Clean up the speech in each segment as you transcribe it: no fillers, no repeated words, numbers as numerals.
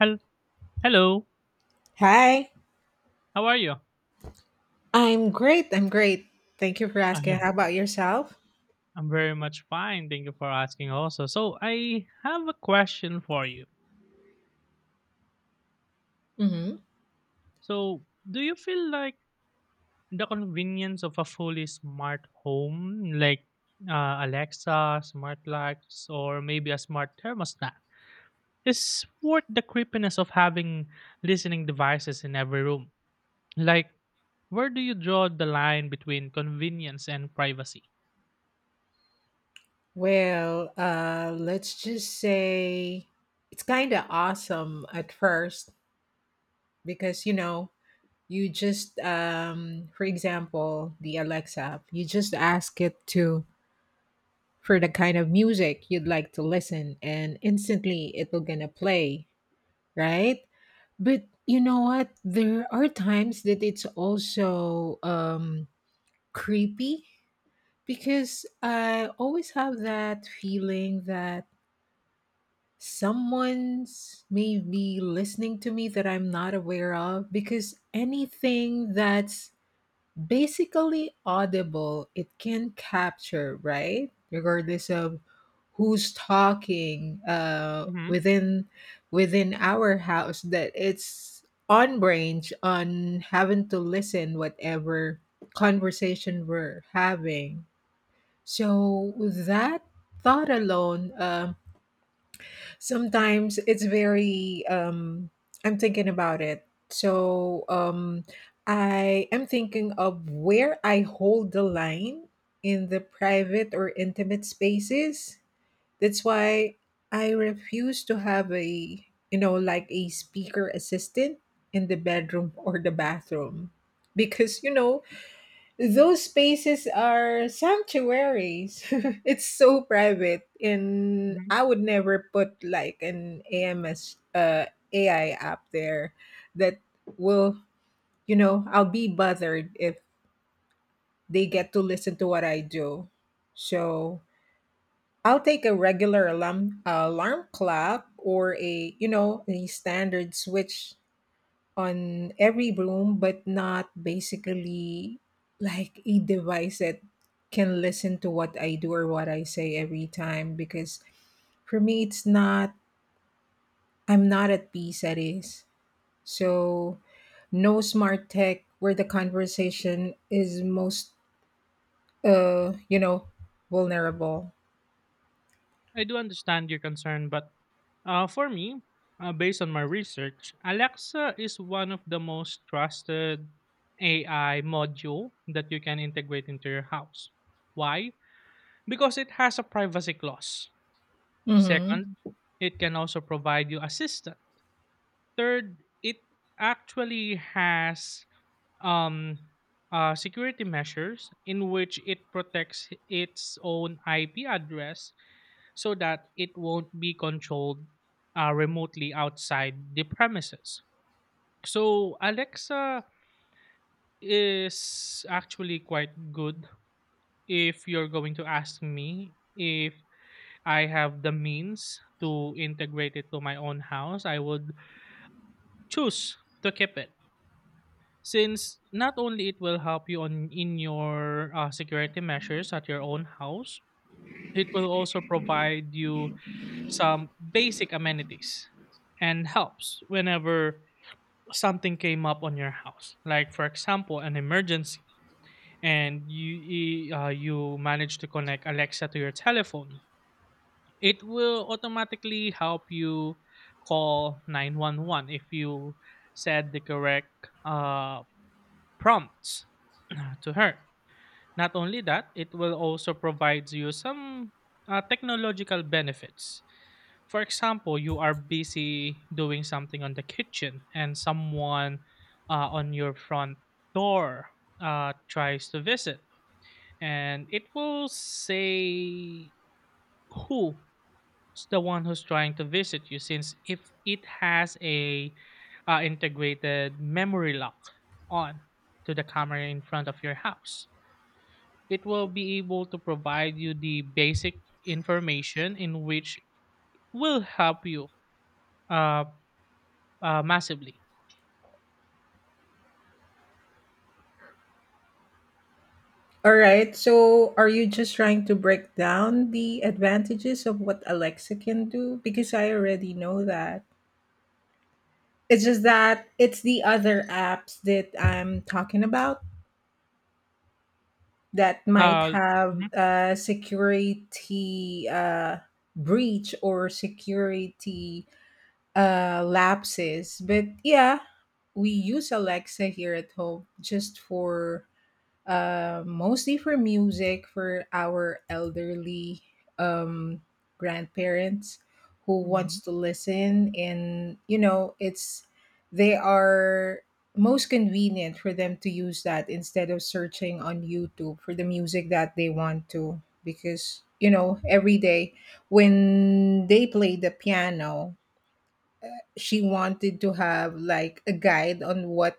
Hel- Hello, Hi, how are you? I'm great. I'm great. Thank you for asking. I'm How about yourself? I'm very much fine. Thank you for asking also. So, I have a question for you. hmm So, do you feel like the convenience of a fully smart home, like Alexa, smart lights, or maybe a smart thermostat, is worth the creepiness of having listening devices in every room? Like, where do you draw the line between convenience and privacy? Well, let's just say it's kind of awesome at first because you just for example, the Alexa, you just ask it to for the kind of music you'd like to listen and instantly it will gonna play, right? But you know what? There are times that it's also creepy, because I always have that feeling that someone's maybe listening to me that I'm not aware of. Because anything that's basically audible, it can capture, right? Regardless of who's talking Hmm. Within our house, that it's on range on having to listen whatever conversation we're having. So with that thought alone, sometimes it's very. I'm thinking about it. So I am thinking of where I hold the line in the private or intimate spaces. That's why I refuse to have a like a speaker assistant in the bedroom or the bathroom because you know those spaces are sanctuaries. It's so private, and Hmm. I would never put like an AMS AI app there that will, I'll be bothered if they get to listen to what I do. So I'll take a regular alarm clock or a a standard switch on every room, but not basically like a device that can listen to what I do or what I say every time. Because for me, it's not, I'm not at peace, that is. So, no smart tech where the conversation is most, uh, you know, vulnerable. I do understand your concern, but for me, based on my research, Alexa is one of the most trusted AI module that you can integrate into your house. Why? Because it has a privacy clause. Mm-hmm. Second, it can also provide you assistance. Third, it actually has um, security measures in which it protects its own IP address so that it won't be controlled remotely outside the premises. So Alexa is actually quite good. If you're going to ask me, if I have the means to integrate it to my own house, I would choose to keep it, since not only it will help you on in your security measures at your own house. It will also provide you some basic amenities and helps whenever something came up on your house. Like for example, an emergency and you you manage to connect Alexa to your telephone. It will automatically help you call 911 if you said the correct uh, prompts to her. Not only that, it will also provide you some technological benefits. For example, you are busy doing something on the kitchen and someone on your front door tries to visit, and it will say who's the one who's trying to visit you, since if it has a integrated memory lock on to the camera in front of your house, it will be able to provide you the basic information in which will help you uh, massively. All right. So, are you just trying to break down the advantages of what Alexa can do? Because I already know that. It's just that it's the other apps that I'm talking about that might Uh, have mhm, a security breach or security lapses. But yeah, we use Alexa here at home just for mostly for music for our elderly um, grandparents who wants mhm, to listen and you know it's they are most convenient for them to use that instead of searching on youtube for the music that they want to, because you know every day when they play the piano she wanted to have like a guide on what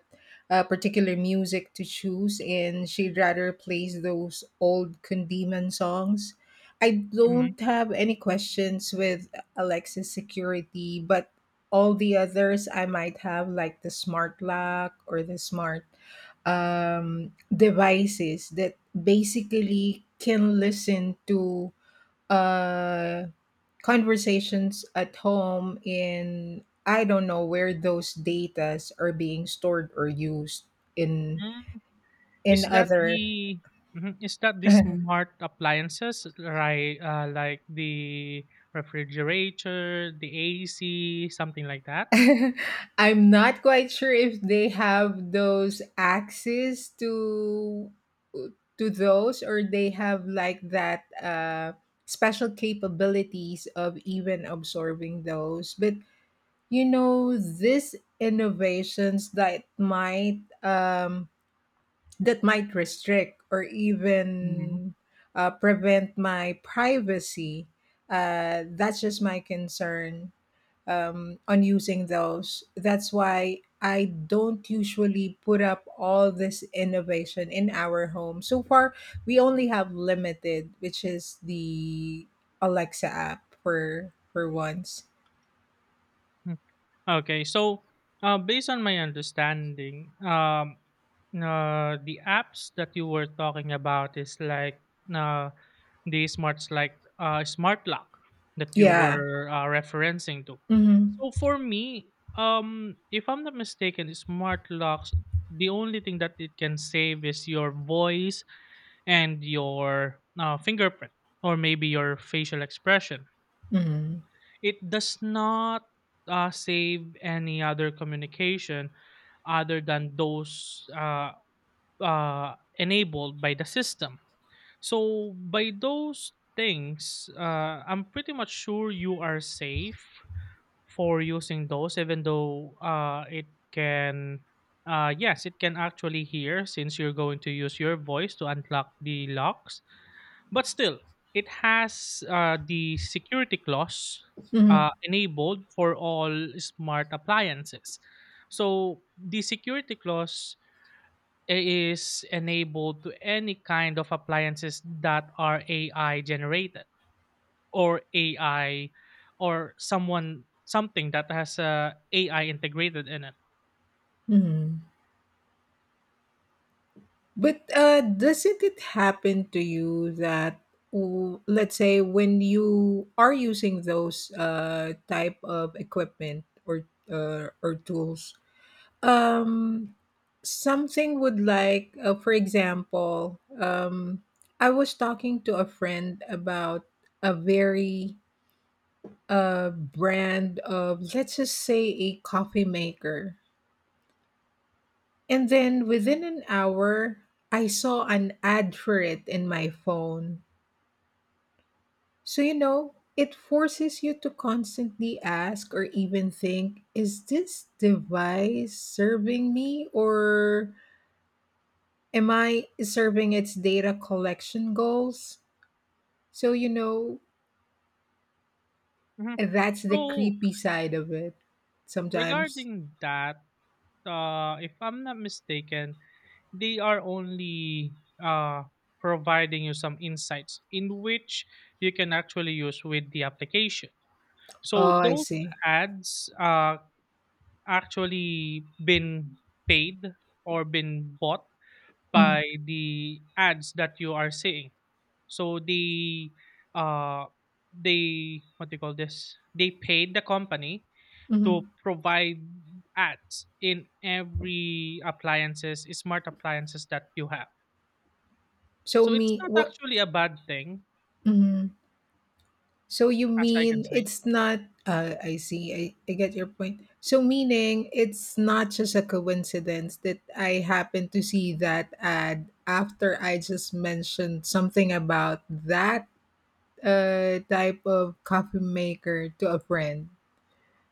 particular music to choose and she'd rather plays those old Kundiman songs. I mhm. don't have any questions with Alexa's security, but all the others I might have like the smart lock or the smart devices that basically can listen to uh, conversations at home. In I don't know where those datas are being stored or used in Mm. in Is that other. the mhm, is that the smart appliances, right? Like the refrigerator, the AC, something like that? I'm not quite sure if they have those access to those or they have like that special capabilities of even absorbing those, but you know these innovations that might restrict or Mhm. even prevent my privacy. That's just my concern on using those. That's why I don't usually put up all this innovation in our home. So far, we only have limited, which is the Alexa app for once. Mm. Okay, so based on my understanding, the apps that you were talking about is like uh. the smarts like smart lock that you Yeah. were referencing to. So Mm-hmm. for me, if I'm not mistaken, smart locks, the only thing that it can save is your voice and your fingerprint, or maybe your facial expression. Mm-hmm. It does not save any other communication other than those uh, enabled by the system. So by those things, I'm pretty much sure you are safe for using those, even though it can, yes, it can actually hear since you're going to use your voice to unlock the locks. But still, it has the security clause Mm-hmm. Enabled for all smart appliances. So the security clause is enabled to any kind of appliances that are AI generated, or AI, or someone something that has a AI integrated in it. Mm-hmm. But doesn't it happen to you that, let's say, when you are using those type of equipment or tools, um, something would like, for example, I was talking to a friend about a very brand of, let's just say, a coffee maker. And then within an hour, I saw an ad for it in my phone. So, you know, it forces you to constantly ask or even think, is this device serving me or am I serving its data collection goals? So, you know, Mhm. that's the So creepy side of it sometimes. regarding that, if I'm not mistaken, they are only uh, providing you some insights in which you can actually use with the application. Oh, So I those see. ads actually been paid or been bought by hmm the ads that you are seeing. So they uh what do you call this? They paid the company to hmm provide ads in every appliances, smart appliances that you have. So, So it's me, not what? actually a bad thing, Mhm. So you as I can mean say. it's not I see. I get your point. So meaning it's not just a coincidence that I happened to see that ad after I just mentioned something about that type of coffee maker to a friend.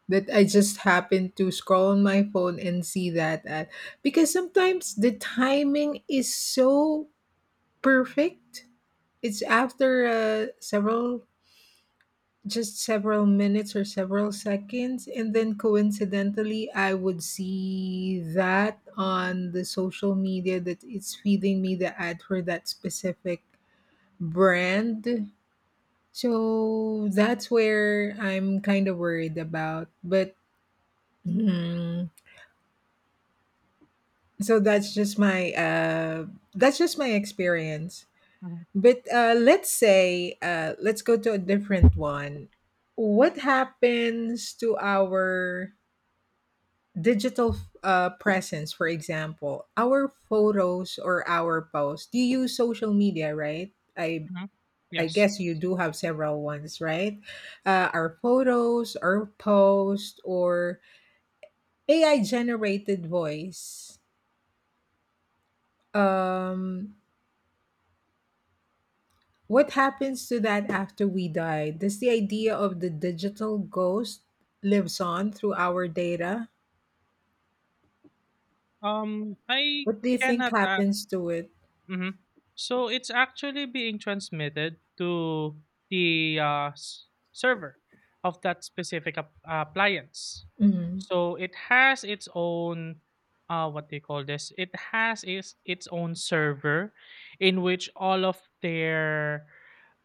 That I just happened to scroll on my phone and see that ad. Because sometimes the timing is so perfect. It's after several just several minutes or several seconds and then coincidentally I would see that on the social media that it's feeding me the ad for that specific brand. So that's where I'm kind of worried about, but hmm, so that's just my experience, Hmm. but let's say let's go to a different one. What happens to our digital presence, for example, our photos or our posts. You use social media, right? I Hmm. I Yes. guess you do have several ones, right? Our photos, our posts, or AI generated voice. Um, what happens to that after we die? Does the idea of the digital ghost lives on through our data? I What do you think cannot happens to it? Mm-hmm. So it's actually being transmitted to the server of that specific appliance. hmm So it has its own what do you call this? It has is its own server in which all of their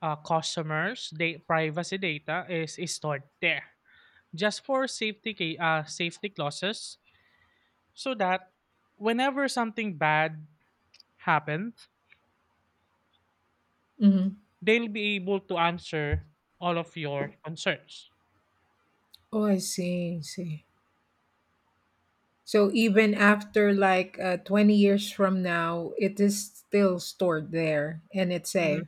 customers' they privacy data is stored there, just for safety clauses, so that whenever something bad happens, hmm they'll be able to answer all of your concerns. Oh, I see. I see. So even after like 20 years from now, it is still stored there and it's Hmm. safe.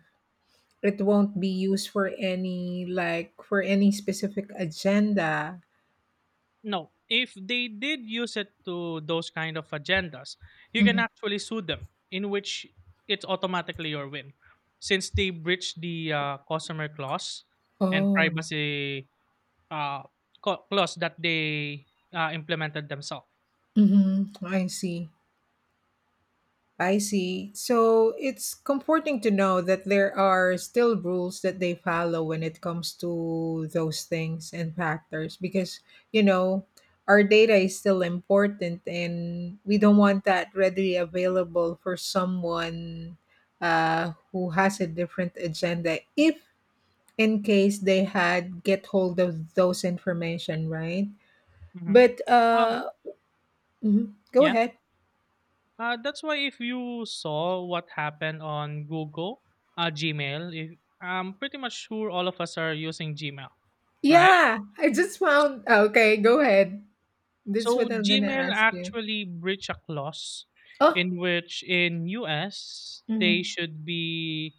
It won't be used for any like for any specific agenda. No, if they did use it to those kind of agendas, you can Mhm. actually sue them, in which it's automatically your win, since they breached the customer clause and Oh, privacy uh, clause that they implemented themselves. I see. I see. So it's comforting to know that there are still rules that they follow when it comes to those things and factors because, you know, our data is still important and we don't want that readily available for someone who has a different agenda if in case they had get hold of those information, right? Hmm. But Um, mhm. Go yeah. ahead. That's why if you saw what happened on Google, Gmail, if, I'm pretty much sure all of us are using Gmail, right? Yeah, I just found. Okay, go ahead. That's So what I'm gonna Gmail ask you. actually breached a clause Oh, in which in US, they mhm. should be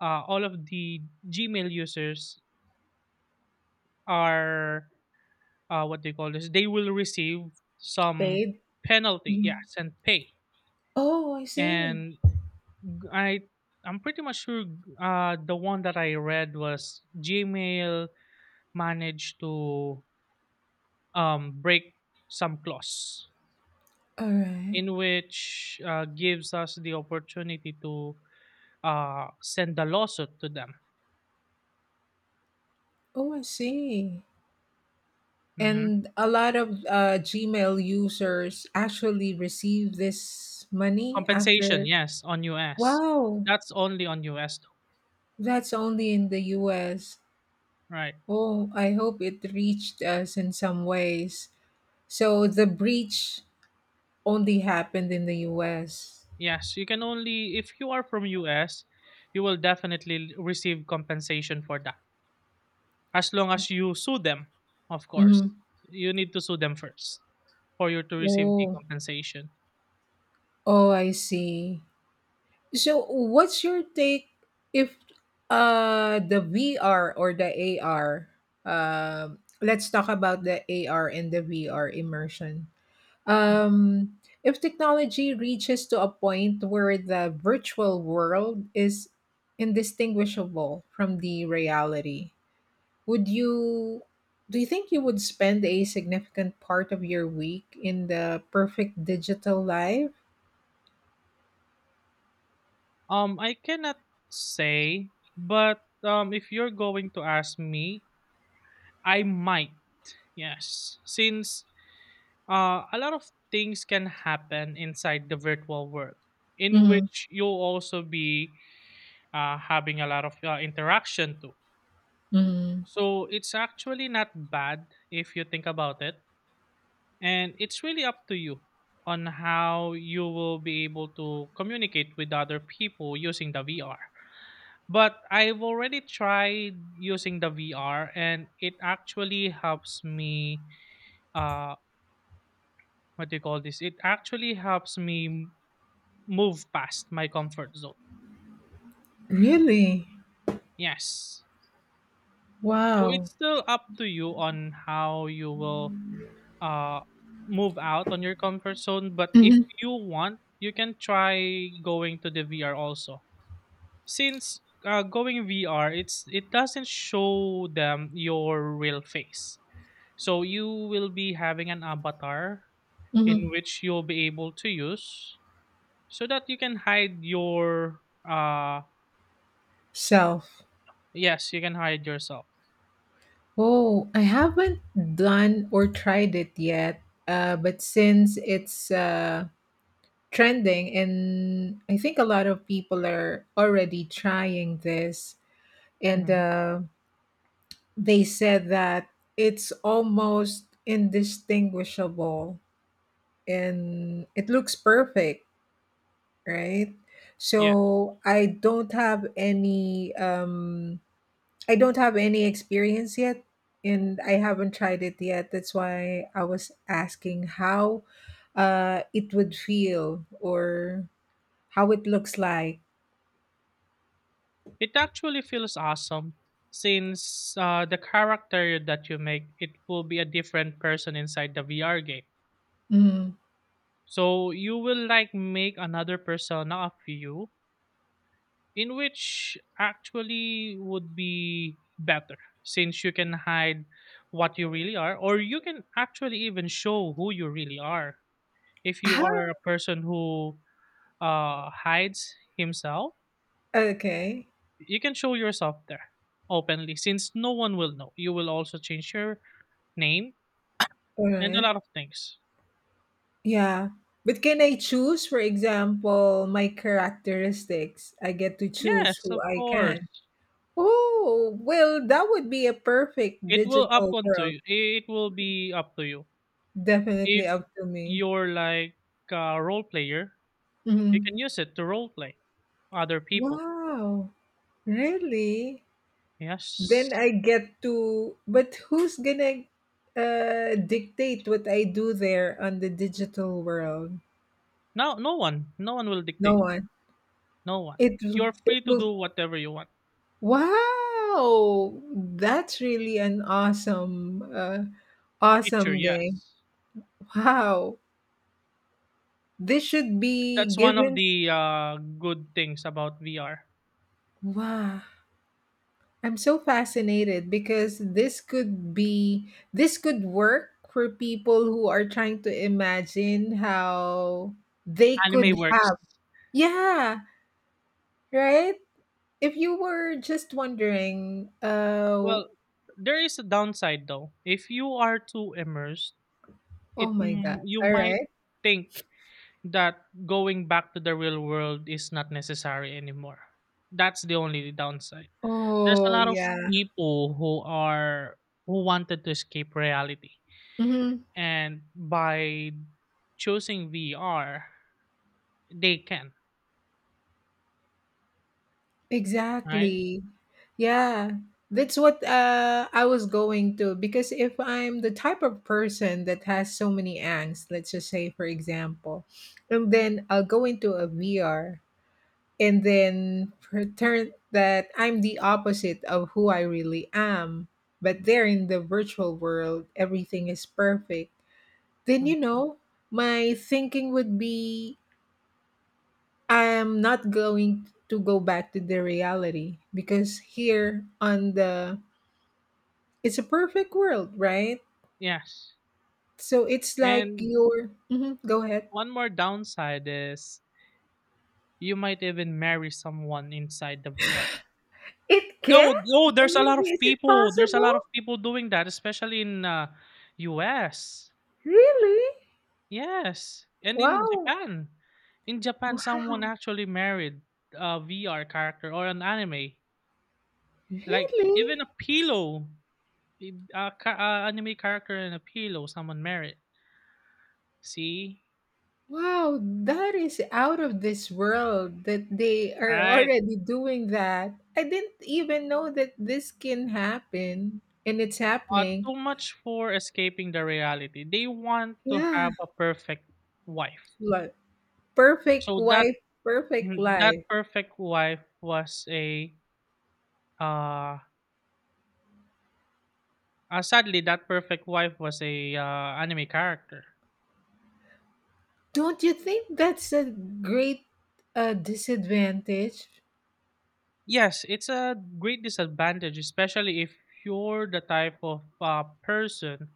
all of the Gmail users are what they call this. They will receive some Paid. penalty, Mhm. yes, and pay. Oh, I see. And G- I I'm pretty much sure the one that I read was Gmail managed to break some clause All right. in which gives us the opportunity to send a lawsuit to them. Oh, I see. Hmm. And a lot of Gmail users actually receive this money Compensation, after. yes, on US. Wow, That's only on US though. that's only in the US. Right. Oh, I hope it reached us in some ways. So the breach only happened in the US. Yes, you can only, if you are from US, you will definitely receive compensation for that. As long as you sue them, of course. Mm-hmm. You need to sue them first for you to receive the Oh, compensation. oh, I see. So, what's your take if the VR or the AR? Let's talk about the AR and the VR immersion. Um, if technology reaches to a point where the virtual world is indistinguishable from the reality, would you? Do you think you would spend a significant part of your week in the perfect digital life? I cannot say, but if you're going to ask me, I might. Yes, since a lot of things can happen inside the virtual world, in Mhm, which you'll also be having a lot of interaction too. mhm. So it's actually not bad if you think about it. And it's really up to you on how you will be able to communicate with other people using the VR. But I've already tried using the VR, and it actually helps me uh what do you call this? It actually helps me move past my comfort zone. Really? Yes. So Wow. it's still up to you on how you will uh move out on your comfort zone, but if Mhm, you want, you can try going to the VR also, since going VR, it's it doesn't show them your real face. So you will be having an avatar in mhm. which you'll be able to use so that you can hide your uh Self. yes, you can hide yourself. Oh, I haven't done or tried it yet. But since it's trending, and I think a lot of people are already trying this, and Mhm. They said that it's almost indistinguishable and it looks perfect. Right? Yeah. So I don't have any I don't have any experience yet and I haven't tried it yet. That's why I was asking how it would feel or how it looks like. It actually feels awesome since the character that you make, it will be a different person inside the VR game. Mm. So you will like make another persona of you, in which actually would be better since you can hide what you really are, or you can actually even show who you really are if you How are a person who hides himself. okay. You can show yourself there openly since no one will know. You will also change your name All and a right. lot of things. Yeah. But can I choose, for example, my characteristics? I get to choose Yes, who of I can. course. Oh, well, that would be a perfect it will up digital onto world. you it will be up to you Definitely if up to me. you're like a role player. You Mhm. can use it to roleplay other people. Wow! Really? Then Yes. I get to but who's gonna dictate what I do there on the digital world? No, no one, no one will No dictate. one. No one. You're It free to will do whatever you want. wow! That's really an awesome Picture, awesome game. yes. Wow. This should be That's one of given the good things about VR. wow. I'm so fascinated because this could work for people who are trying to imagine how they could Anime works. have. Yeah, right? If you were just wondering, Well, there is a downside though. If you are too immersed, oh my god. You All might right. think that going back to the real world is not necessary anymore. That's the only downside. There's a Oh lot of yeah. people who are who wanted to escape reality, Mhm. and by choosing VR they can, right. Exactly. Yeah. That's what I was going to. Because if I'm the type of person that has so many angst, let's just say, for example, and then I'll go into a VR and then pretend that I'm the opposite of who I really am. But there in the virtual world, everything is perfect. Then, Mhm. you know, my thinking would be I'm not going to go back to the reality because here on the it's a perfect world, right? Yes, So it's like and your mhm, go ahead. one more downside is you might even marry someone inside the VR. It can? No, no, I there's a lot mean, of is it possible? People doing that, especially in US. Really? Yes, and in Wow. Japan, someone Wow. actually married a VR character or an anime. Like Really? even a pillow, a, a anime character and a pillow, someone married. See, Wow, that is out of this world that they are right? already doing that. I didn't even know that this can happen and it's happening. Too much for escaping the reality. They want to Yeah. have a perfect wife. Like perfect So that, wife, perfect mhm, that life. perfect wife was a uh, sadly that perfect wife was a anime character. Don't you think that's a great disadvantage? Yes, it's a great disadvantage, especially if you're the type of person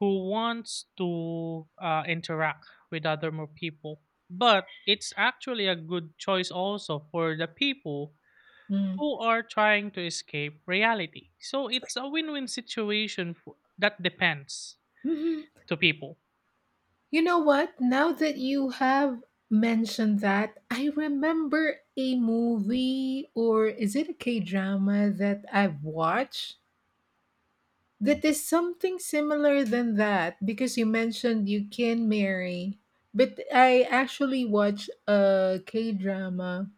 who wants to interact with other more people. But it's actually a good choice also for the people Mm. who are trying to escape reality. So it's a win-win situation for, that depends hmm to people. You know what? Now that you have mentioned that, I remember a movie or is it a K drama that I've watched that is something similar than that because you mentioned you can marry. But I actually watched a K drama,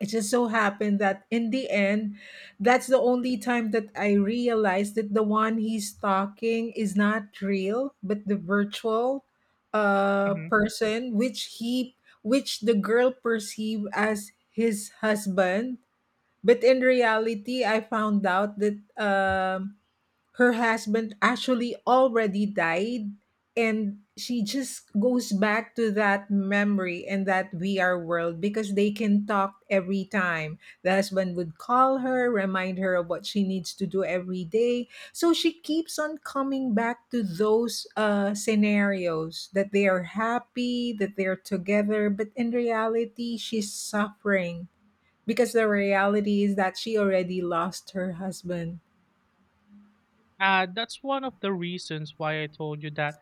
it just so happened that in the end that's the only time that I realized that the one he's talking is not real but the virtual Mhm. person which he which the girl perceived as his husband, but in reality I found out that her husband actually already died and she just goes back to that memory and that VR world because they can talk every time. The husband would call her, remind her of what she needs to do every day. So she keeps on coming back to those scenarios that they are happy, that they're together, but in reality, she's suffering because the reality is that she already lost her husband. That's one of the reasons why I told you that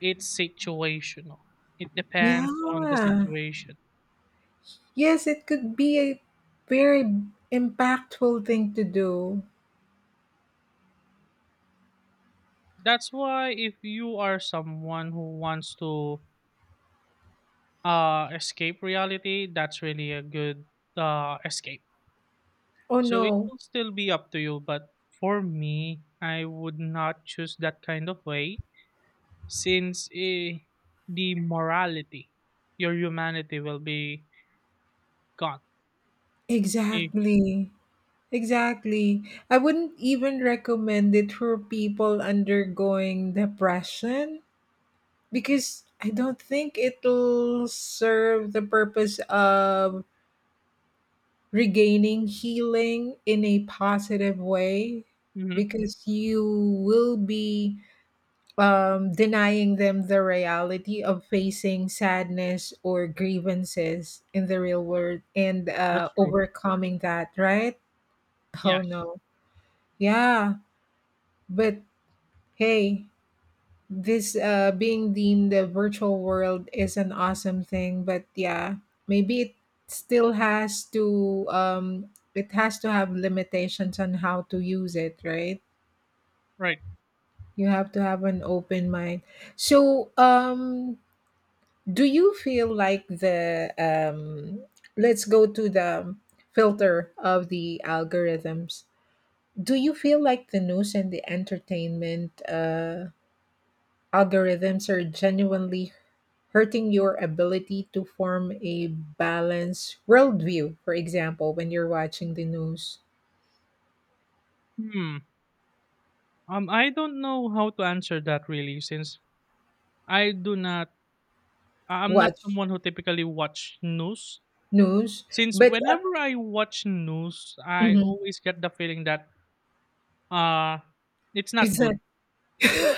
it's situational. It depends on the Yeah. situation. Yes, it could be a very impactful thing to do. That's why if you are someone who wants to escape reality, that's really a good escape. Oh So it no, will still be up to you, but for me I would not choose that kind of way, since the morality, your humanity, will be gone. Eh, exactly. Exactly. I wouldn't even recommend it for people undergoing depression because I don't think it'll serve the purpose of regaining healing in a positive way mhm, because you will be denying them the reality of facing sadness or grievances in the real world and that's true. overcoming that, right? Oh Yes. no. Yeah, but hey, this being in the virtual world is an awesome thing, but yeah, maybe it still has to it has to have limitations on how to use it, right? Right. You have to have an open mind. So, do you feel like the let's go to the filter of the algorithms. Do you feel like the news and the entertainment algorithms are genuinely hurting your ability to form a balanced worldview, for example when you're watching the news? Hmm. Um, I don't know how to answer that really, since I do not, I'm not Watch someone who typically watch news. news Since but whenever I watch news, I Mhm. always get the feeling that uh it's not good. Exactly.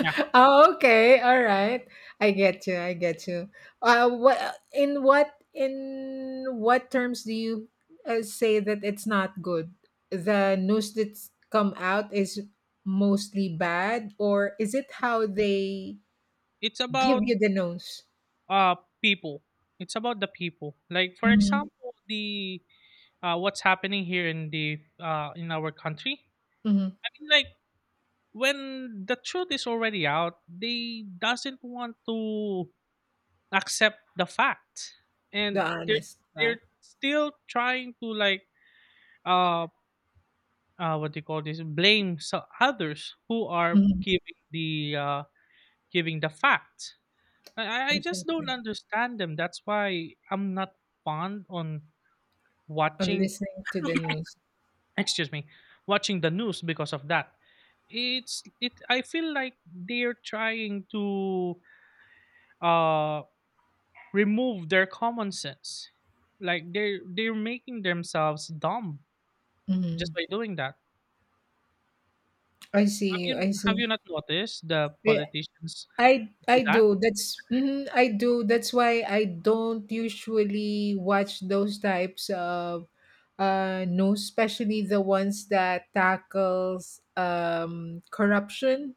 Yeah. Oh, okay. All right. I get you. I get you. What in what in what terms do you say that it's not good? The news that's come out is mostly bad, or is it how they It's give about you the news? uh people. It's about the people. Like for Hmm, example, the what's happening here in the in our country. hmm. I mean like when the truth is already out, they doesn't want to accept the fact. The And they're honest they're fact. still trying to like uh what do you call this, blame so others who are Mhm. Giving the facts. I just don't Exactly. understand them, that's why I'm not fond on On watching, listening to the news. excuse me, watching the news because of that. It's it, I feel like they're trying to uh remove their common sense, like they're making themselves dumb just Hmm. by doing that. I have see. you I have you see. not noticed the Yeah, politicians I do I that? do. That's I do. That's why I don't usually watch those types of, no, especially the ones that tackles corruption.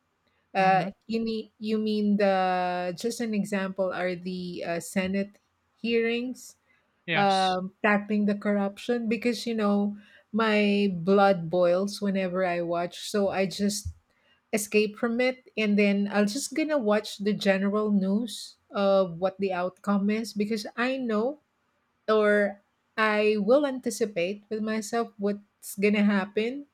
Mhm. you mean the just an example are the Senate hearings Yes. Tackling the corruption, because my blood boils whenever I watch, so I just escape from it and then I'll just gonna watch the general news of what the outcome is, because I know, or I will anticipate with myself what's gonna happen.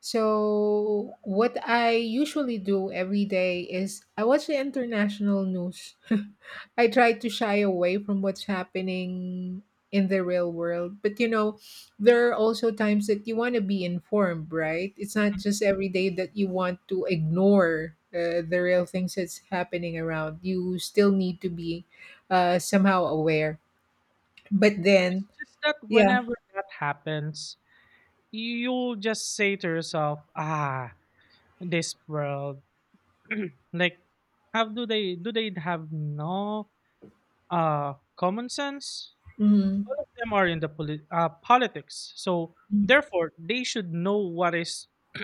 So, what I usually do every day is I watch the international news. I try to shy away from what's happening in the real world. But there are also times that you want to be informed, right? It's not Mm, just every day that you want to ignore the real things that's happening around. You still need to be somehow aware. But it's then, just that yeah. whenever that happens, you'll just say to yourself, ah, this world, like, do they have no common sense? Mm-hmm. All of them are in the politics. So therefore, they should know what is,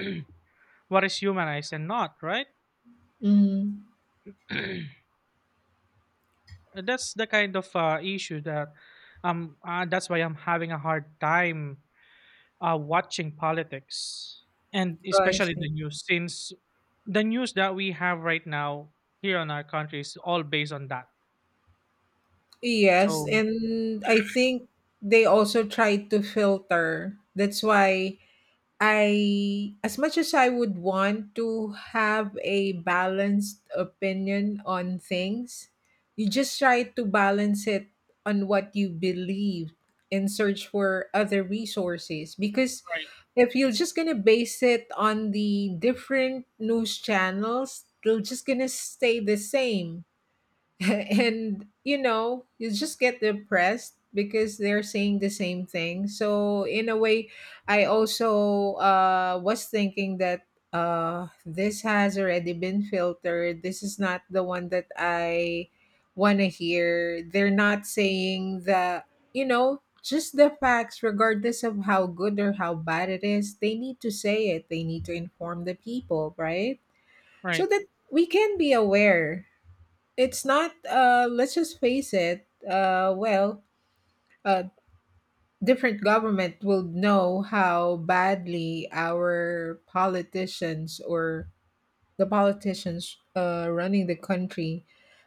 what is humanized and not, right? Mm-hmm. That's the kind of issue that that's why I'm having a hard time watching politics, and especially the news, since the news that we have right now here in our country is all based on that. Yes, So and I think they also try to filter. That's why I, as much as I would want to have a balanced opinion on things, you just try to balance it on what you believe and search for other resources. Because right, if you're just gonna base it on the different news channels, they're just gonna stay the same. And you know you just get depressed because they're saying the same thing. So in a way, I also was thinking that this has already been filtered. This is not the one that I want to hear. They're not saying that, just the facts regardless of how good or how bad it is. They need to say it, they need to inform the people, right? So right, that we can be aware. It's not, let's just face it, uh, different government will know how badly our politicians, or the politicians running the country,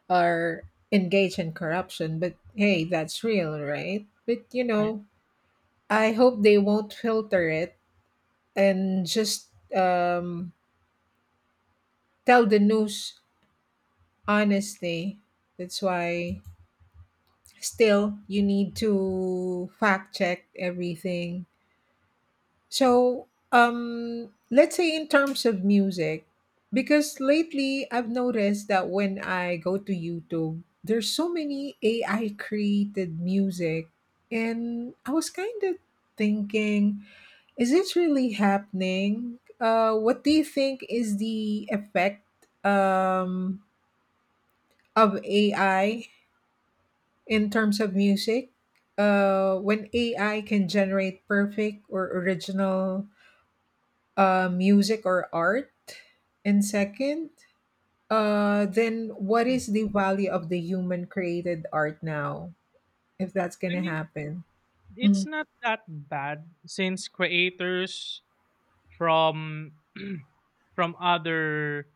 are engaged in corruption. But hey, that's real, right? But right. I hope they won't filter it and just um, tell the news honestly. That's why still you need to fact check everything. So let's say in terms of music, because lately I've noticed that when I go to YouTube there's so many AI created music, and I was kind of thinking, is this really happening? What do you think is the effect um of AI in terms of music, when AI can generate perfect or original music or art, and second, then what is the value of the human created art now if that's I gonna mean, happen? it's not that bad since creators from from other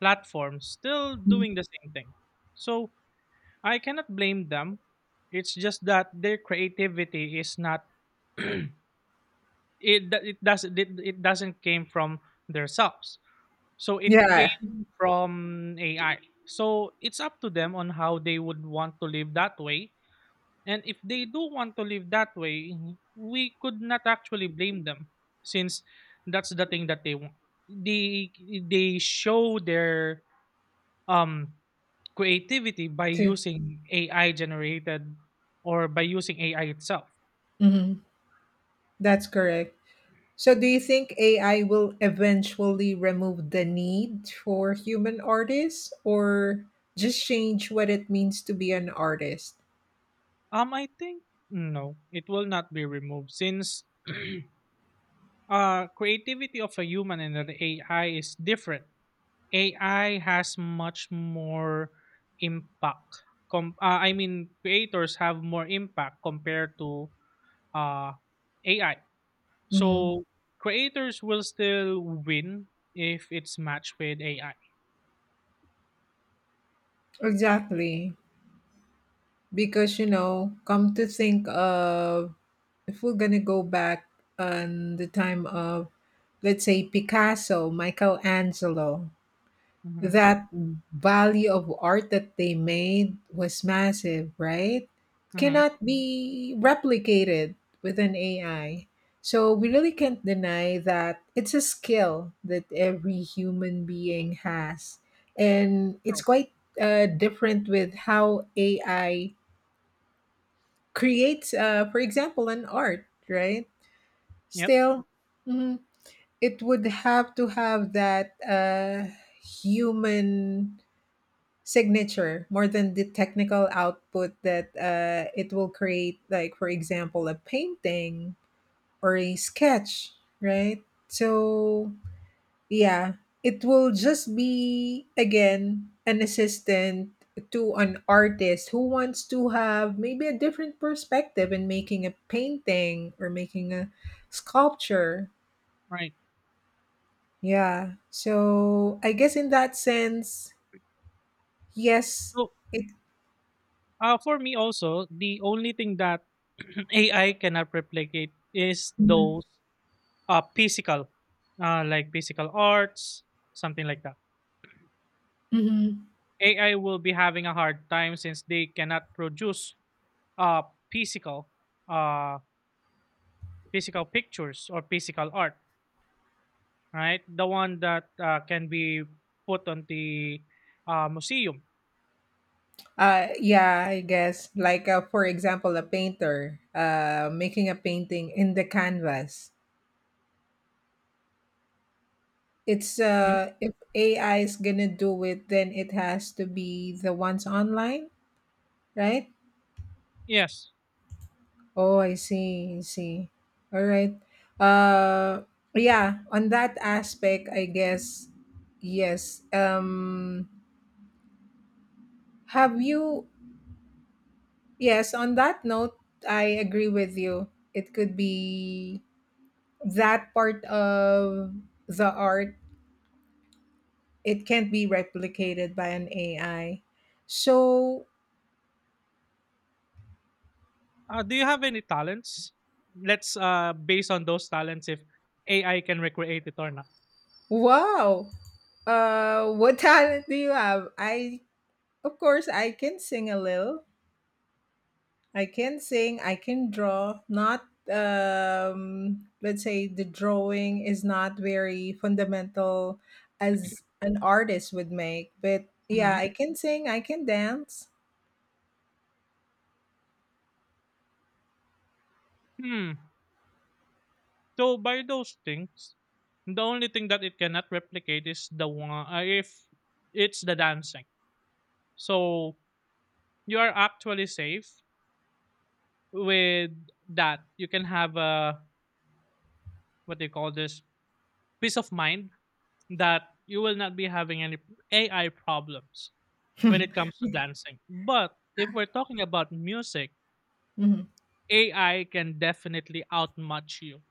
platforms still Mhm. doing the same thing, so I cannot blame them. It's just that their creativity is not it do- it doesn't it, it doesn't came from their selves, so it Yeah, came from AI. So it's up to them on how they would want to live that way, and if they do want to live that way, we could not actually blame them, since that's the thing that they want. They show their um creativity by to- using AI generated, or by using AI itself. mhm. That's correct. So, do you think AI will eventually remove the need for human artists, or just change what it means to be an artist? I think no, it will not be removed since creativity of a human and an AI is different. AI has much more impact. I mean, creators have more impact compared to uh, AI. Mm-hmm. So creators will still win if it's matched with AI. Exactly. Because, come to think of, if we're going to go back on the time of, let's say, Picasso, Michelangelo, Mm-hmm. that value of art that they made was massive, right? Mm-hmm. Cannot be replicated with an AI. So we really can't deny that it's a skill that every human being has. And it's quite different with how AI creates, for example, an art, right? Yep. Still, mhm, it would have to have that human signature more than the technical output that it will create, like for example, a painting or a sketch, right? So yeah, it will just be again an assistant to an artist who wants to have maybe a different perspective in making a painting or making a sculpture. Right. Yeah, so I guess in that sense, yes, So it for me also, the only thing that AI cannot replicate is Mhm. those physical, like physical arts, something like that. Mhm. AI will be having a hard time since they cannot produce uh physical uh physical pictures or physical art, right? The one that can be put on the museum. Yeah, I guess. Like, for example, a painter making a painting in the canvas. It's Mhm. If AI is gonna do it, then it has to be the ones online, right? Yes. Oh, I see. I see. All right. Uh, yeah. On that aspect, I guess yes. Have you? Yes. On that note, I agree with you. It could be that part of the art it can't be replicated by an AI. So Do you have any talents? Let's base on those talents if AI can recreate it or not. wow, what talent do you have? I Of course, I can sing a little. I can sing. I can draw. Not, let's say the drawing is not very fundamental as an artist would make, but yeah, Hmm. I can sing. I can dance. Hmm. So by those things, the only thing that it cannot replicate is the one, if it's the dancing. So you are actually safe with that. You can have a, what they call this, peace of mind, that you will not be having any AI problems when it comes to dancing. But if we're talking about music, Mhm. AI can definitely outmatch you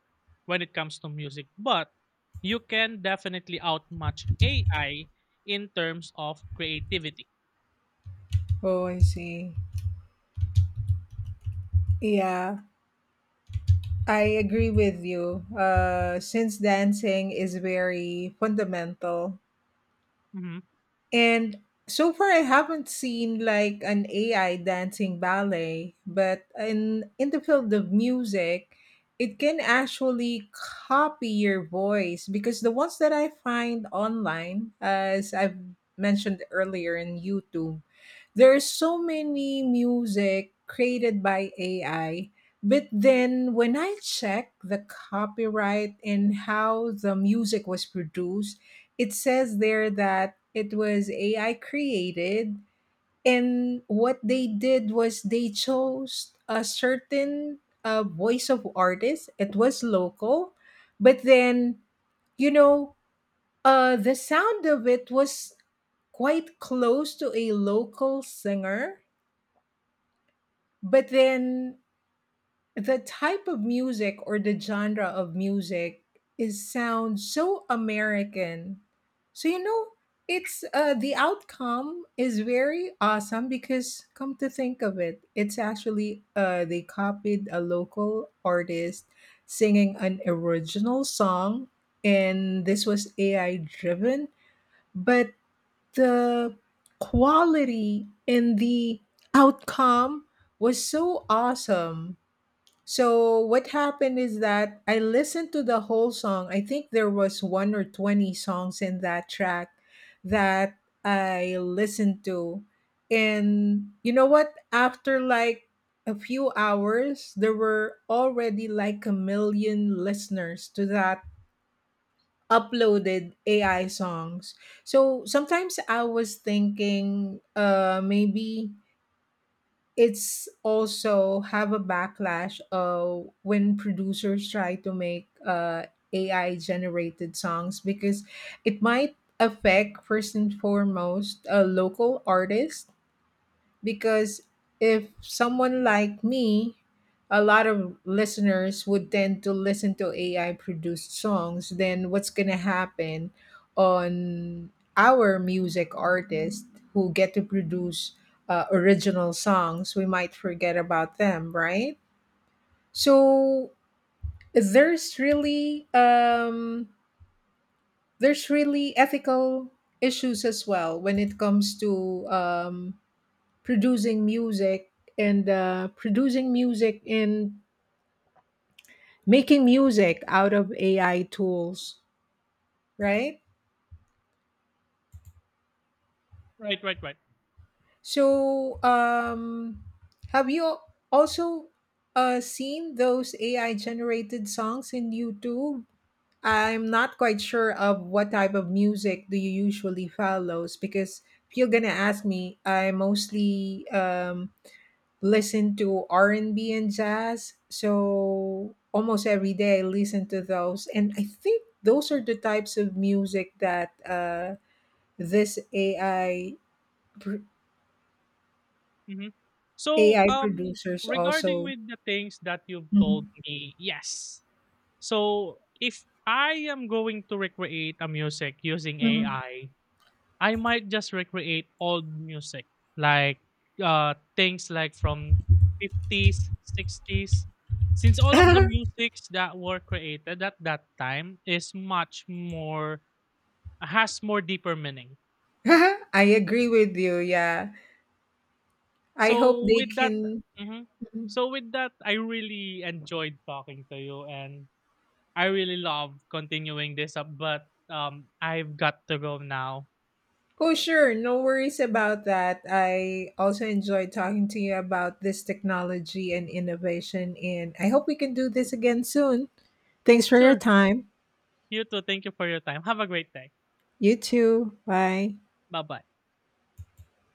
when it comes to music. But you can definitely outmatch AI in terms of creativity. Oh, I see. Yeah. I agree with you. Since dancing is very fundamental, Hmm. and so far I haven't seen like an AI dancing ballet, but in the field of music, it can actually copy your voice, because the ones that I find online, as I've mentioned earlier in YouTube, there are so many music created by AI. But then when I check the copyright and how the music was produced, it says there that it was AI created, and what they did was they chose a certain voice of artist. It was local, but then you know the sound of it was quite close to a local singer. But then the type of music or the genre of music is sounds so American. So it's the outcome is very awesome, because come to think of it, it's actually they copied a local artist singing an original song, and this was AI driven, but the quality and the outcome was so awesome. So what happened is that I listened to the whole song. I think there was one or 20 songs in that track that I listened to. And you know what? After like a few hours, there were already like a million listeners to that uploaded AI songs. So sometimes I was thinking, maybe it's also have a backlash when producers try to make AI generated songs, because it might affect first and foremost local artists, because if someone like me, a lot of listeners would tend to listen to AI produced songs, then what's going to happen on our music artists who get to produce original songs? We might forget about them, right? So there's really um, there's really ethical issues as well when it comes to producing music producing music and making music out of AI tools, right? Right, right, right. So, have you also seen those AI generated songs in YouTube? I'm not quite sure of what type of music do you usually follows, because if you're gonna ask me, I mostly listen to R&B and B and jazz. So almost every day I listen to those, and I think those are the types of music that this AI pr- Hmm. So, AI producers regarding also with the things that you've told Mhm. me, yes. So if I am going to recreate a music using AI, Mhm. I might just recreate old music, like things like from 50s, 60s. Since all of the musics that were created at that time is much more, has more deeper meaning. I agree with you. Yeah. I hope So they with that, can. mhm, so with that, I really enjoyed talking to you, and I really love continuing this up. But I've got to go now. Oh, sure. No worries about that. I also enjoyed talking to you about this technology and innovation, and I hope we can do this again soon. Thanks for your Sure. time. You too. Thank you for your time. Have a great day. You too. Bye. Bye bye.